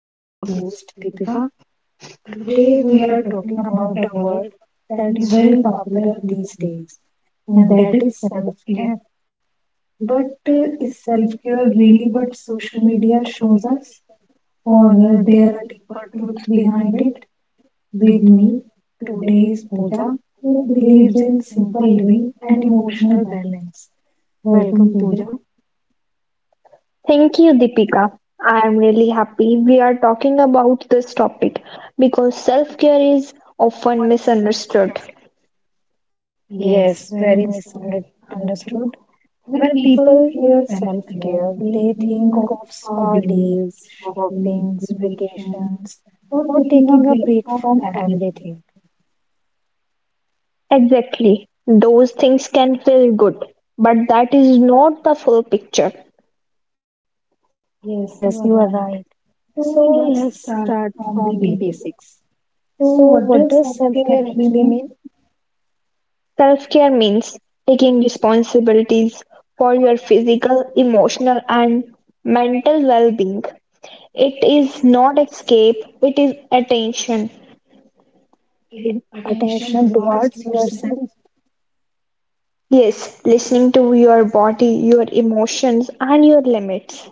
I am your host, Deepika. Today, we are talking about a word that is very popular these days, and that is self care. But is self care really what social media shows us, or there a deeper truth behind it? With me today is Pooja, who believes in simple living and emotional balance. Welcome, Pooja. Thank you, Deepika. I am really happy we are talking about this topic because self care is often misunderstood. Yes, very misunderstood. When people hear self care, they think of spa days, shoppings, vacations, or taking a break from everything. Exactly. Those things can feel good, but that is not the full picture. Yes, you are right. So let's start from the basics. So, what does self care actually mean? Self care means taking responsibilities for your physical, emotional, and mental well being. It is not escape, it is attention. In attention towards yourself. Yes, listening to your body, your emotions, and your limits.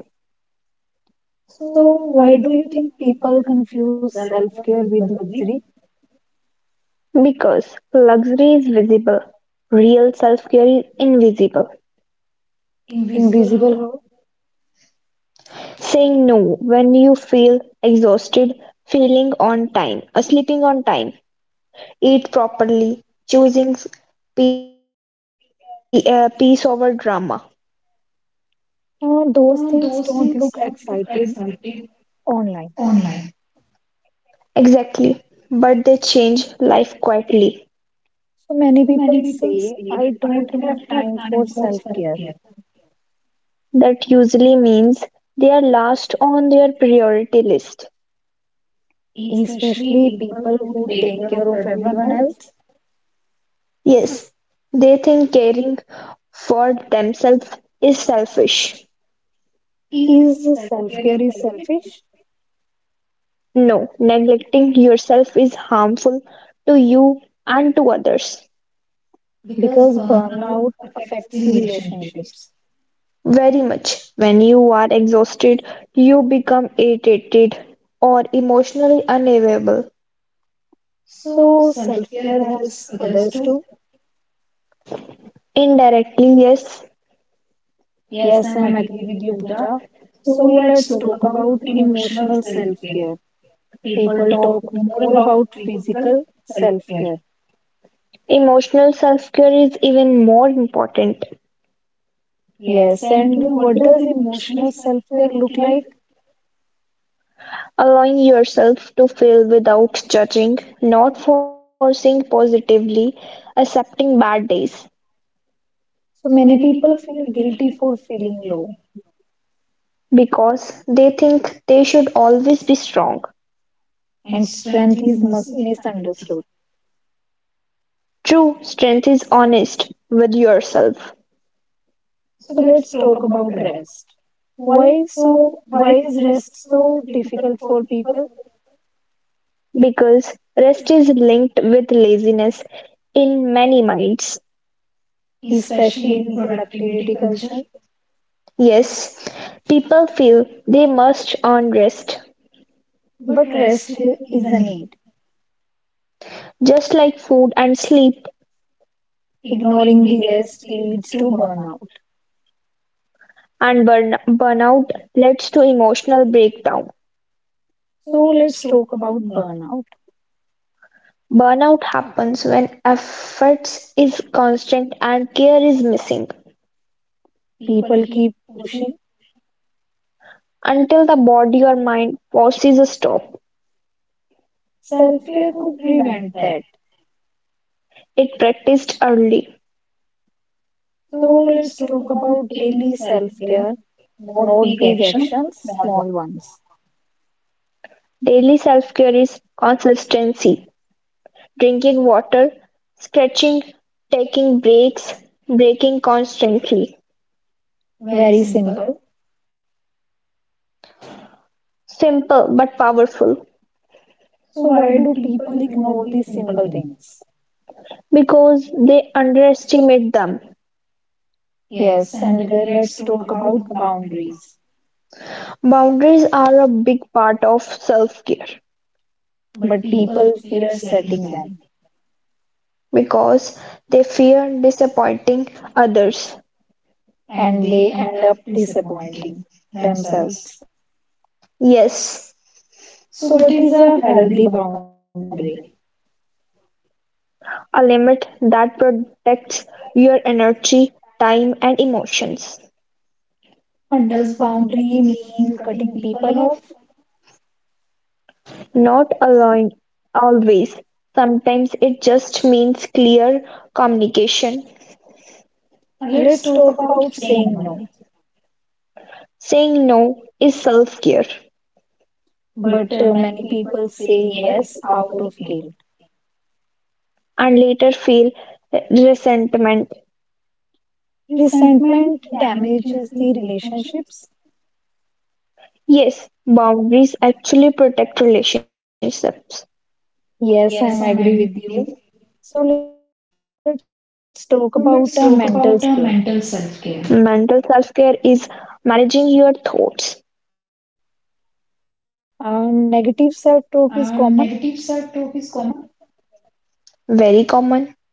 So, why do you think people confuse self care with luxury? Because luxury is visible, real self-care is invisible. Invisible how? Saying no when you feel exhausted, feeling on time, sleeping on time, eat properly, peace over drama. Those things don't look excited online. Exactly. But they change life quietly. So many people say, I don't have time for self care, That usually means they are last on their priority list. especially people who take care of everyone else. Yes, they think caring for themselves is selfish. Is self care is selfish? No, neglecting yourself is harmful to you and to others. Because burnout affects the relationships. Very much. When you are exhausted, you become irritated or emotionally unavailable. So self care helps others too. Indirectly, yes, Yes, I'm agree with you, Pooja. So let's talk about emotional self care. People talk more about physical self care. emotional self care is even more important. Yes, and what does emotional self care look like? Allowing yourself to feel without judging, not forcing positively, accepting bad days So many people feel guilty for feeling low, because they think they should always be strong. and strength is misunderstood. True strength is honest with yourself, So let's talk about rest. Why so? Why is rest so difficult for people, because rest is linked with laziness in many minds. especially in productivity culture? Yes, people feel they must earn rest, But rest is a need. just like food and sleep, Ignoring the rest leads to burnout. and burnout leads to emotional breakdown. So let's talk about burnout. Burnout happens when efforts is constant and care is missing People keep pushing. until the body or mind forces a stop. Self care could prevent that. It practiced early. So let's talk about daily self care, not big actions, small ones. Daily self-care is consistency: drinking water, stretching, taking breaks, breaking constantly. Very simple. Simple but powerful So, why do people ignore these simple things? because they underestimate them. Yes, and let's talk about boundaries. Boundaries are a big part of self-care But people fear setting them, because they fear disappointing others. and they end up disappointing themselves. Yes, So, what is a healthy boundary? a limit that protects your energy, time, and emotions. And does boundary mean cutting people off? Not allowing always. Sometimes it just means clear communication. Let's talk about saying no. Saying no is self care But many people say yes out of guilt. and later feel resentment. Resentment damages the relationships. Yes, boundaries actually protect relationships. Yes, I'm agree with you. So let's talk about mental Mental self-care. self care is managing your thoughts. Negative self-talk is common. Very common.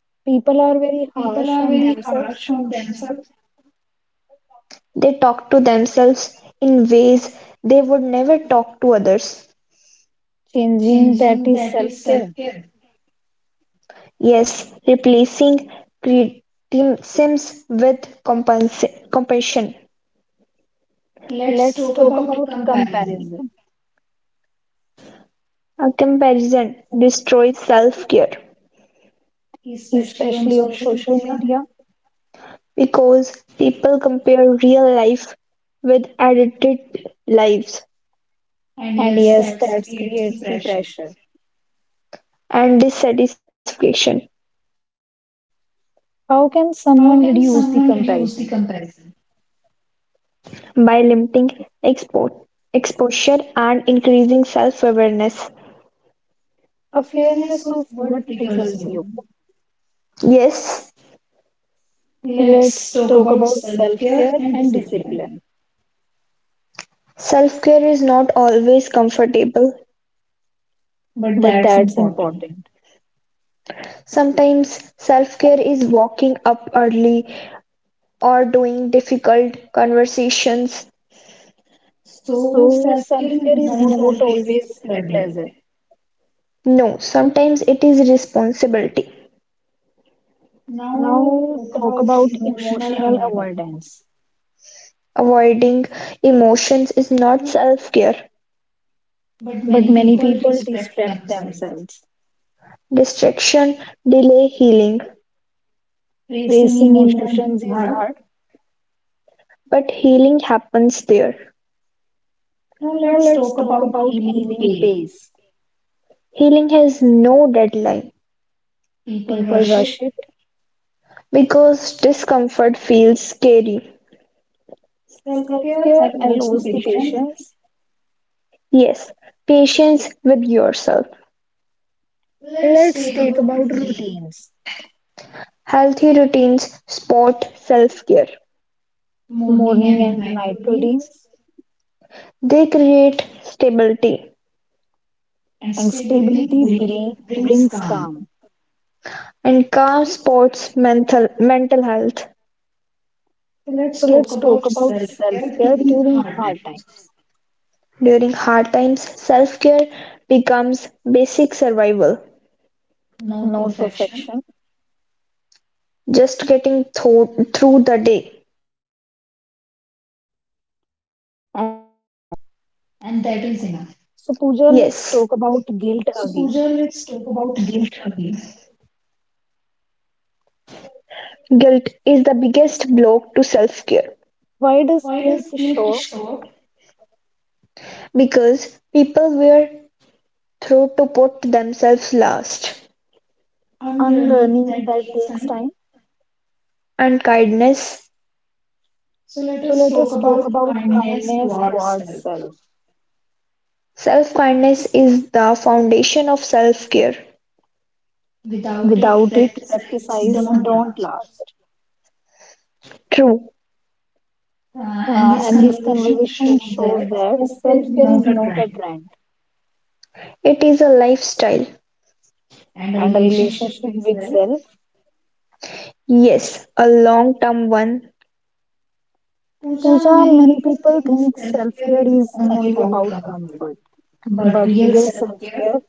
People are very harsh on themselves. They talk to themselves in ways they would never talk to others. Changing that is self-care. Yes, replacing criticisms with compassion. Let's talk about comparison, A comparison destroys self care especially on social media. because people compare real life with edited lives And yes, that creates the pressure. and dissatisfaction How can someone reduce the comparison? by limiting expo- exposure and increasing self awareness. Awareness of what triggers you. Yes, Let's talk about self care and discipline, self care is not always comfortable. but that's important. Sometimes self care is waking up early, or doing difficult conversations. So self care is not always pleasant. No, sometimes it is responsibility. Now talk about emotional avoidance, Avoiding emotions is not self care. but many people distract themselves. Distraction delay healing, Facing emotions is hard. but healing happens there. Now let's talk about healing pace. Healing has no deadline People rush it. because discomfort feels scary. Self care allows the patience. Yes, patience with yourself. Let's talk about routines, Healthy routines sport self care. morning and night routines. They create stability And stability brings calm. and calm sports mental health. So let's talk about self care during hard times, During hard times, self-care becomes basic survival, not perfection, just getting through the day. and that is enough. Yes, So, Pooja, let's talk about guilt again. guilt is the biggest block to self-care Why does guilt show up? because people were taught to put themselves last. Unlearning that takes time. And kindness, So, let us talk about kindness towards self. self-kindness is the foundation of self-care. Without it, practices don't last. True, And this conversation shows that self care is not a trend it is a lifestyle. and a relationship with self. Yes, a long-term one. Pooja, many people think self care is only about comfort, but real self care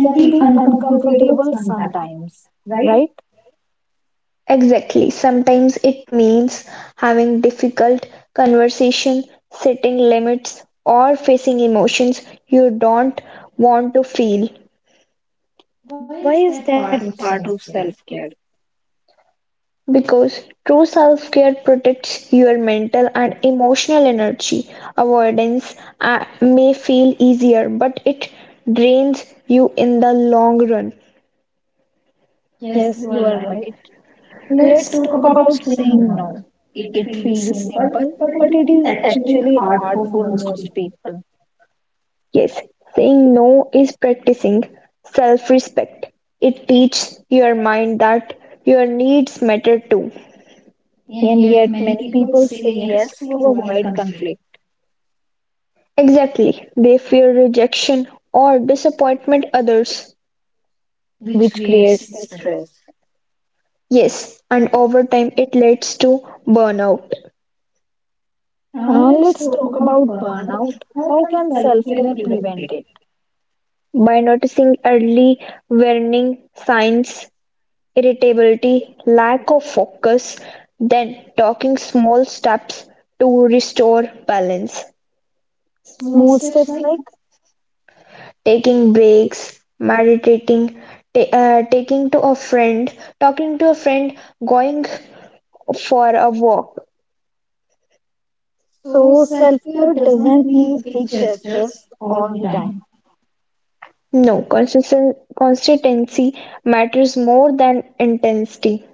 can be uncomfortable sometimes, right? Exactly, sometimes it means having difficult conversation, setting limits, or facing emotions you don't want to feel. Why is that part of self care? Because true self care protects your mental and emotional energy. Avoidance may feel easier, but it drains you in the long run. Yes, you are right. Let's talk about saying no. It feels simple, but it is actually hard for most people. Yes, saying no is practicing self respect. It teaches your mind that your needs matter too. And yet, many people say yes to avoid conflict, Exactly. They fear rejection or disappointment others. which creates the stress. Yes, and over time it leads to burnout. Let's talk about burnout. How can self care prevent it? By noticing early warning signs, irritability, lack of focus, then taking small steps to restore balance, Small steps like. taking breaks, meditating, ta- taking to a friend, talking to a friend, going for a walk. So self care doesn't need big gestures all the time. No, consistency matters more than intensity.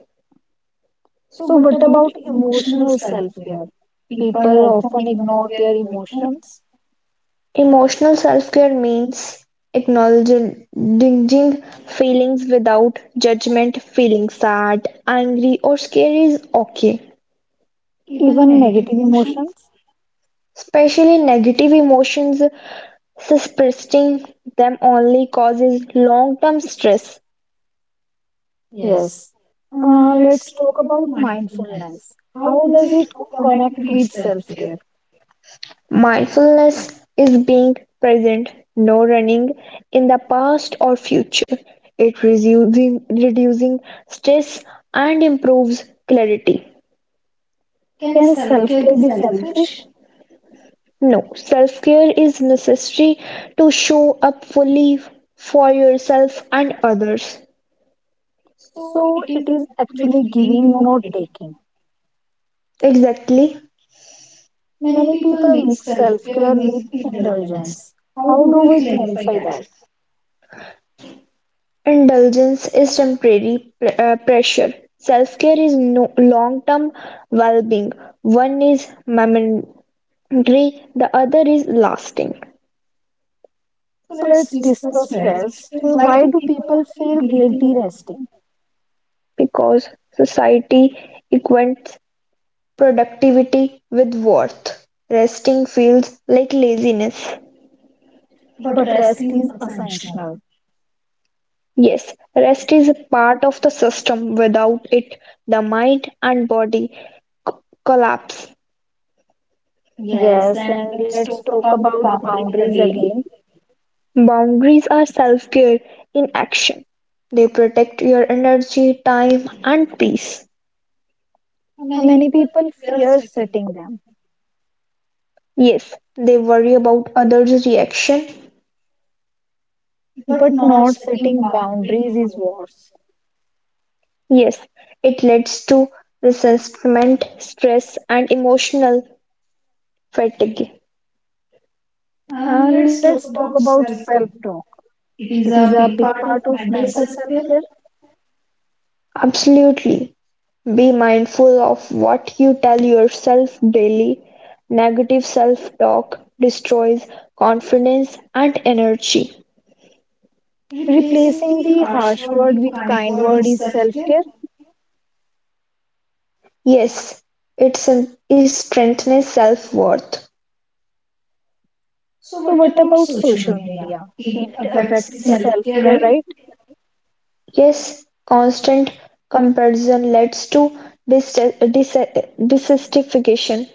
So what about emotional self care? People often ignore their emotions, Emotional self-care means acknowledging feelings without judgment. Feeling sad, angry, or scared is okay, even negative emotions. especially negative emotions. Suppressing them only causes long-term stress. Yes. Let's talk about mindfulness. How does it connect with self care? Mindfulness is being present, no running in the past or future. It reducing stress and improves clarity. Can self care be selfish? No, self care is necessary to show up fully for yourself and others. So it is actually giving, not taking. Exactly. Many people mix self care with indulgence. How do we clarify that? Indulgence is temporary pressure. Self care is no long term well being. One is momentary, the other is lasting. So let's discuss rest. Why do people feel guilty resting? Because society equates productivity with worth, resting feels like laziness. But rest is essential. Yes, rest is a part of the system. Without it, the mind and body c- collapse. Yes, and let's talk about boundaries again. Boundaries are self care in action. They protect your energy, time, and peace. Many people fear setting them, Yes, they worry about others' reaction. but not setting boundaries is worse. Yes, it leads to resentment, stress, and emotional fatigue. Let's talk about self talk. It is a big part of mental self care. Absolutely. Be mindful of what you tell yourself daily. Negative self-talk destroys confidence and energy. Replacing the harsh word with kind word is self care. Yes, it strengthens self-worth. So, what about social media? It affects the self care, right? Yes, constant comparison leads to dis- dis- dissatisfaction.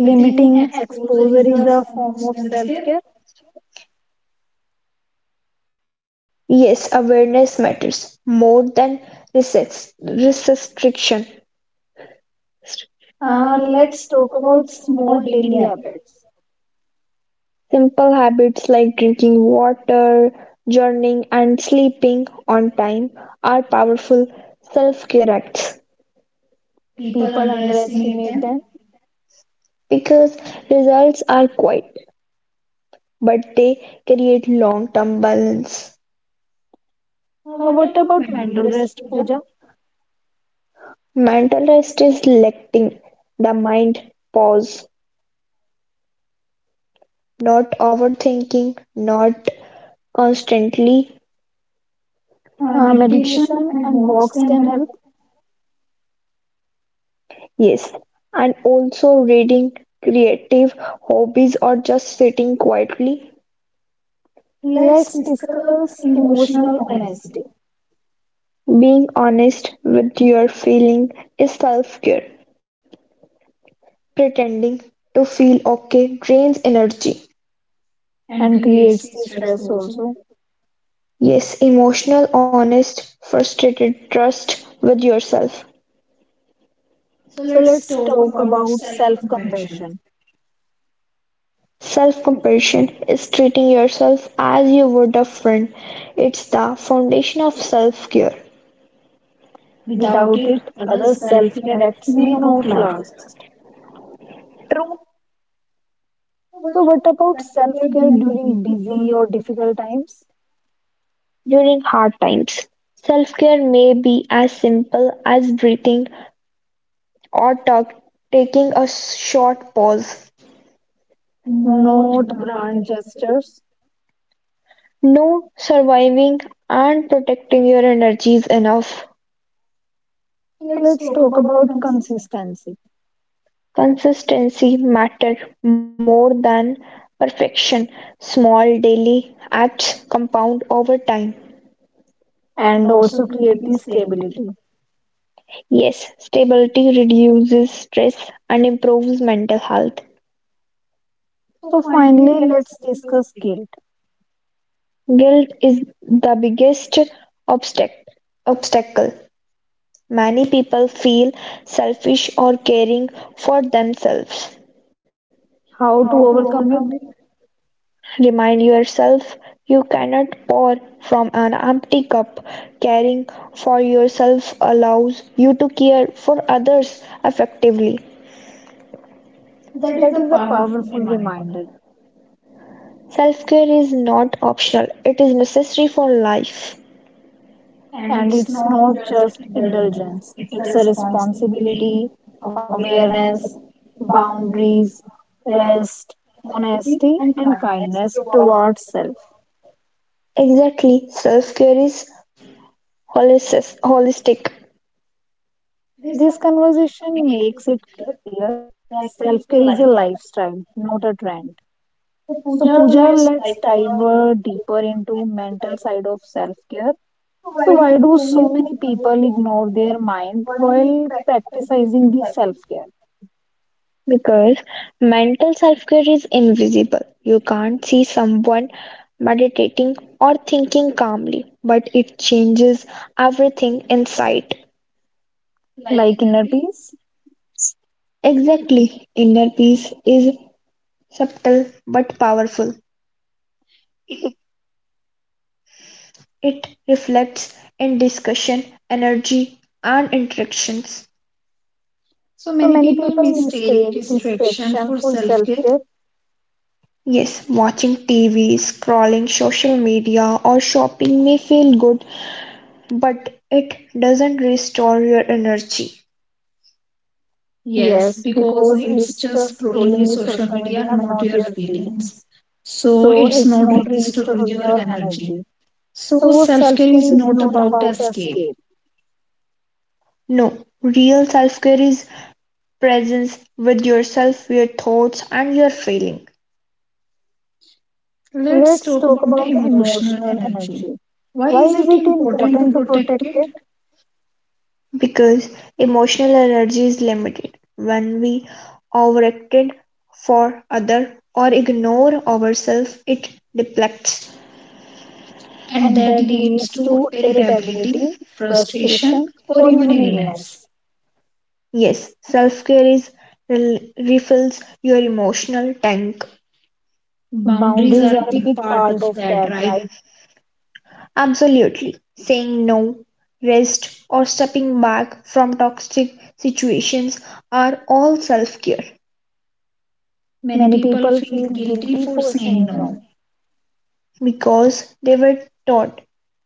Limiting exposure is a form of self care. Yes, awareness matters more than restriction. Let's talk about small daily habits. Simple habits like drinking water, journaling, and sleeping on time are powerful self-care acts People underestimate them. because results are quiet, but they create long-term balance. What about mental rest, puja? Mental rest is letting the mind pause, not overthinking, not constantly. Meditation and walks can help. Yes, and also reading, creative hobbies, or just sitting quietly. Let's discuss emotional honesty Being honest with your feeling is self-care; pretending to feel okay drains energy. and creates the stress also. Yes, emotional, honest, frustrated trust with yourself. So let's talk about self compassion. Self-compassion is treating yourself as you would a friend. It's the foundation of self-care Without it, other self care acts may not last. So, what about self care during busy or difficult times? during hard times. Self-care may be as simple as breathing or talk, taking a short pause. Not grand gestures. No, surviving and protecting your energy is enough. So let's talk about consistency Consistency matter more than perfection. Small daily acts compound over time. and also create the stability. Yes, stability reduces stress and improves mental health. So finally, let's discuss guilt, Guilt is the biggest obstac- obstacle. Many people feel selfish or caring for themselves. how to overcome it. Remind yourself you cannot pour from an empty cup. Caring for yourself allows you to care for others effectively. That is a powerful reminder. Self care is not optional, it is necessary for life. And it's not just indulgence, it's a responsibility, awareness, boundaries, rest, honesty, and kindness towards self. Exactly, self care is holistic This conversation makes it clear self care is a lifestyle, not a trend. So Pooja, let's dive deeper into mental side of self-care. So why do so many people ignore their mind while practicing the self-care, because mental self care is invisible. You can't see someone meditating or thinking calmly, but it changes everything inside. like inner peace? Exactly, inner peace is subtle but powerful. It, It reflects in discussion, energy, and interactions. so many people mistake distraction for self-care. Yes, watching TV, scrolling social media, or shopping may feel good, but it doesn't restore your energy. Yes, because it's just scrolling the social media, not your feelings. So it's not restore your energy. So self-care is not about escape. No, real self care is presence with yourself, your thoughts, and your feeling. Let's talk about emotional energy. Why is it important to protect it? Because emotional energy is limited when we overextend for other or ignore ourselves it depletes. And that leads to irritability, frustration, or even illness. Yes, self-care is refills your emotional tank. Boundaries are a big part of that, right? Absolutely. Saying no, rest, or stepping back from toxic situations are all self-care. Many people feel guilty for saying no. Because they were taught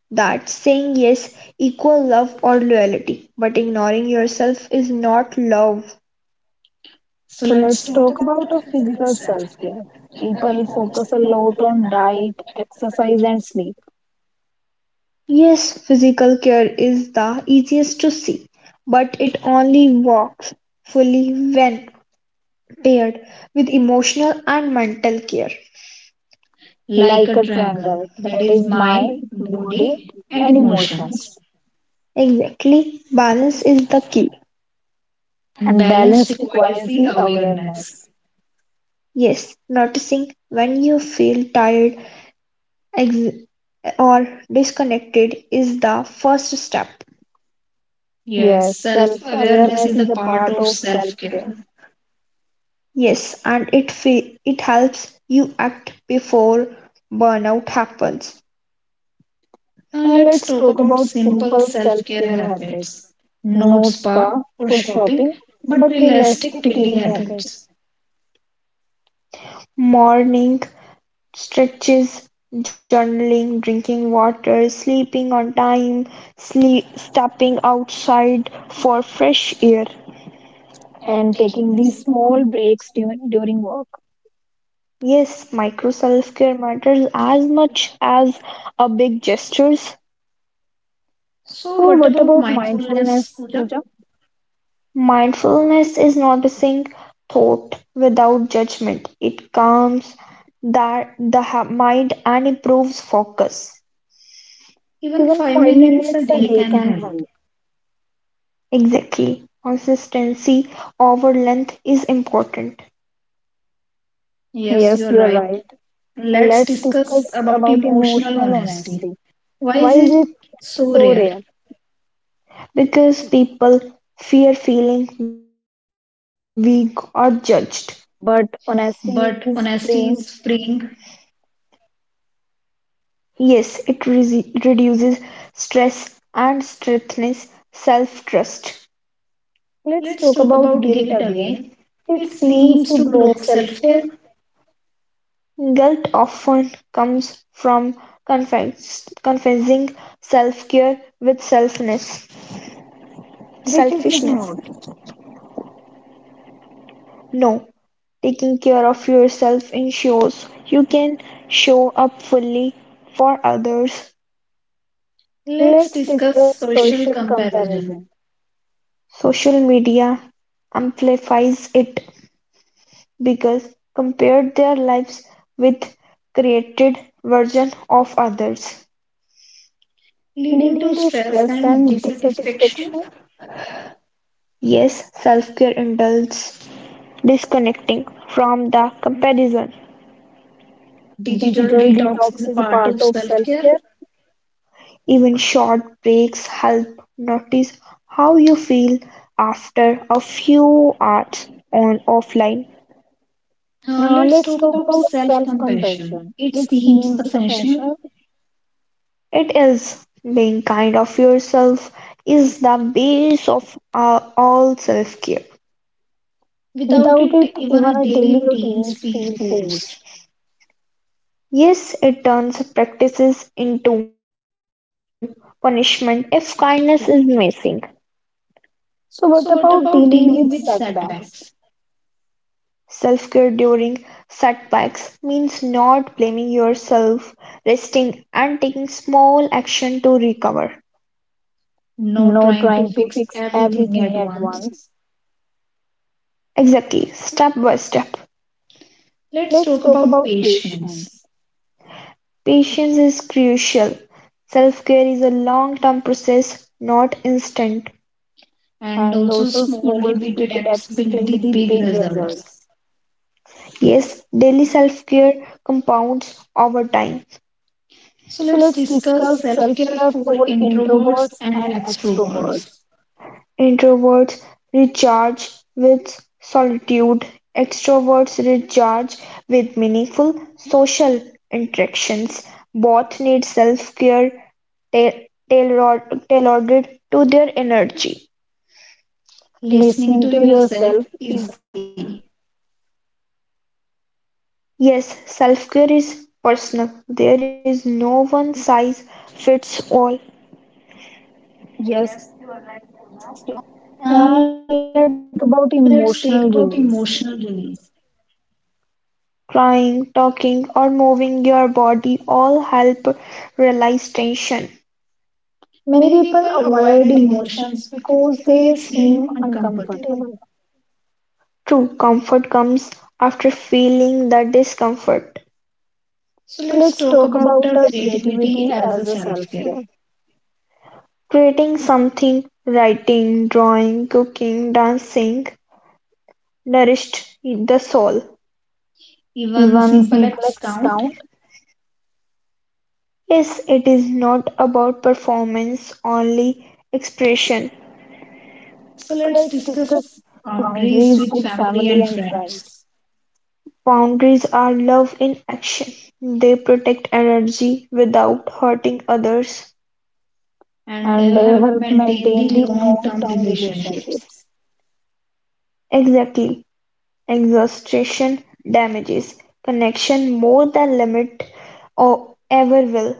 that saying yes equal love or loyalty, but ignoring yourself is not love. So let's talk about a physical self-care. People focus a lot on diet, exercise, and sleep, Yes, physical care is the easiest to see, but it only works fully when paired with emotional and mental care. like a triangle that is mind, body, and emotions. Exactly, balance is the key. And balance requires the awareness. Yes, noticing when you feel tired ex- or disconnected is the first step. Yes, self awareness is a part of self care. Yes, and it helps you act before burnout happens. Now, let's talk about simple self care habits. Not spa for shopping, but realistic daily habits Morning stretches, journaling, drinking water, sleeping on time, sleep, stepping outside for fresh air. and taking these small breaks during work. Yes, micro self-care matters as much as a big gestures. So, what about mindfulness, Pooja? Mindfulness is noticing thought without judgment; it calms that the ha- mind and improves focus. Even 5 minutes a day can help. Exactly. Consistency over length is important Yes, you're right. Let's discuss about emotional honesty. Why is it so rare? because people fear feeling weak or judged. But honesty is freeing. Yes, it reduces stress and strengthens self trust. Let's talk about guilt again. It seems to block self care, Guilt often comes from confusing self-care with selfishness. which it is not. No, taking care of yourself ensures you can show up fully for others. Let's discuss social comparison, Social media amplifies it because compared their lives with created version of others. leading to stress and dissatisfaction. Yes, self-care indulges disconnecting from the comparison. Digital detox is a part of self care. Even short breaks help notice how you feel after a few hours on offline. Let's talk about self compassion. It seems essential. It is being kind of yourself is the base of all self-care. Without it, even our daily routines feel forced. Yes, it turns practices into punishment if kindness is missing. So, what about dealing with setbacks? Self-care during setbacks means not blaming yourself, resting and taking small action to recover. Not trying to fix everything at once. Exactly, step by step. Let's talk about patience. Patience is crucial. Self care is a long term process, not instant. And also small repeated acts build the big results. Yes, daily self care compounds over time. So let's discuss self care for introverts and extroverts. Introverts recharge with solitude, extroverts recharge with meaningful social interactions. Both need self care tailored tailored to their energy. Listening to yourself is key. Yes, self-care is personal. There is no one-size-fits-all. Yes, you are right, Pooja. And let's take about emotional release. Crying, talking, or moving your body all help release tension. Many people avoid emotions because they seem uncomfortable. True comfort comes after feeling the discomfort. So let's talk about creativity as a self care. Creating something, writing, drawing, cooking, dancing, nourished the soul. Even simple acts count. Yes, it is not about performance, only expression. So let's discuss boundaries with family and friends. Boundaries are love in action; they protect energy without hurting others And help maintain the long term relationships. exactly; exhaustion damages connection more than limit, or ever will;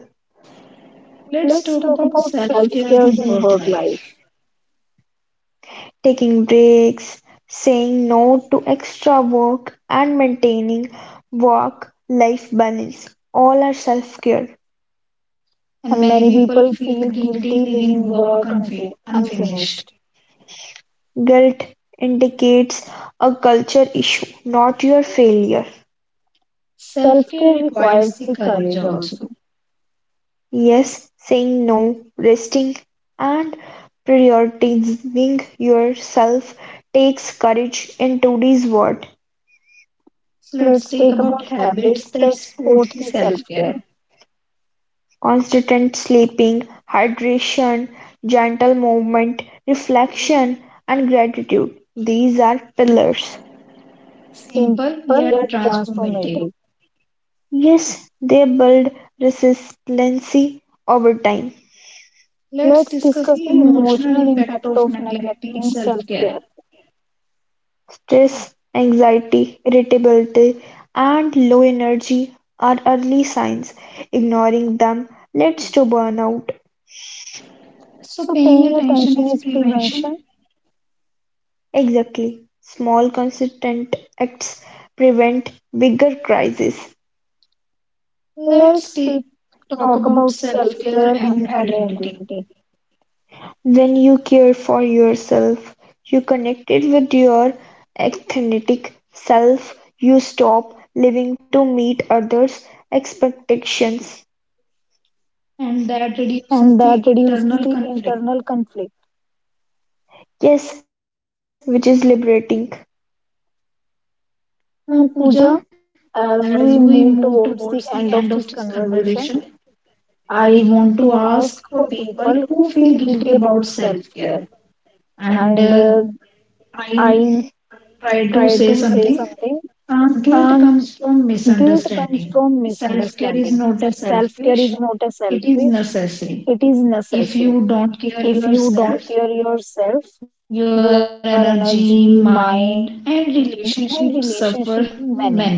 Let's talk about self care in work life. taking breaks, saying no to extra work, and maintaining work-life balance all are self-care. And many people feel guilty leaving work unfinished. Guilt indicates a culture issue, not your failure. Self care requires the courage also. Yes, saying no, resting, and prioritizing yourself takes courage in today's world. Let's take about habits that support the self care. Constant sleeping, hydration, gentle movement, reflection, and gratitude. These are pillars. Simple yet transformative. Yes, they build resiliency over time. Let's discuss the emotional impact of neglecting self care. Stress, anxiety, irritability, and low energy are early signs. Ignoring them leads to burnout. So, paying attention is prevention. Exactly. Small consistent acts prevent bigger crises. Let's take, talk about self care and identity When you care for yourself, you connected with your authentic self, you stop living to meet others' expectations. and that reduces the internal conflict. Yes, which is liberating. And Pooja, as we move towards the end of this conversation, I want to ask for people who feel guilty about self care. And I try to say something. Guilt comes from misunderstanding. Self care is not a selfish, it is necessary. If you don't care yourself, your energy, mind, and relationships suffer many.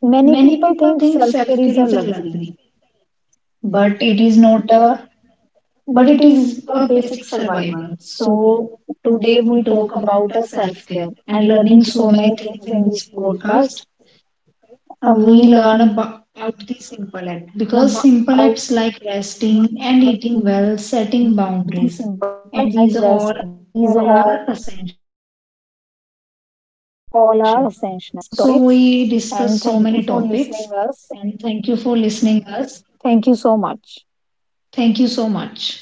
Many people think self-care is a luxury, but it is not a but it is a basic survival. So today we talk about a self-care and learning so many things in this podcast. And we learn about the simple act because simple acts like resting and eating well, setting boundaries, and these all are essential. So we discuss so many topics and thank you for listening us. Thank you so much.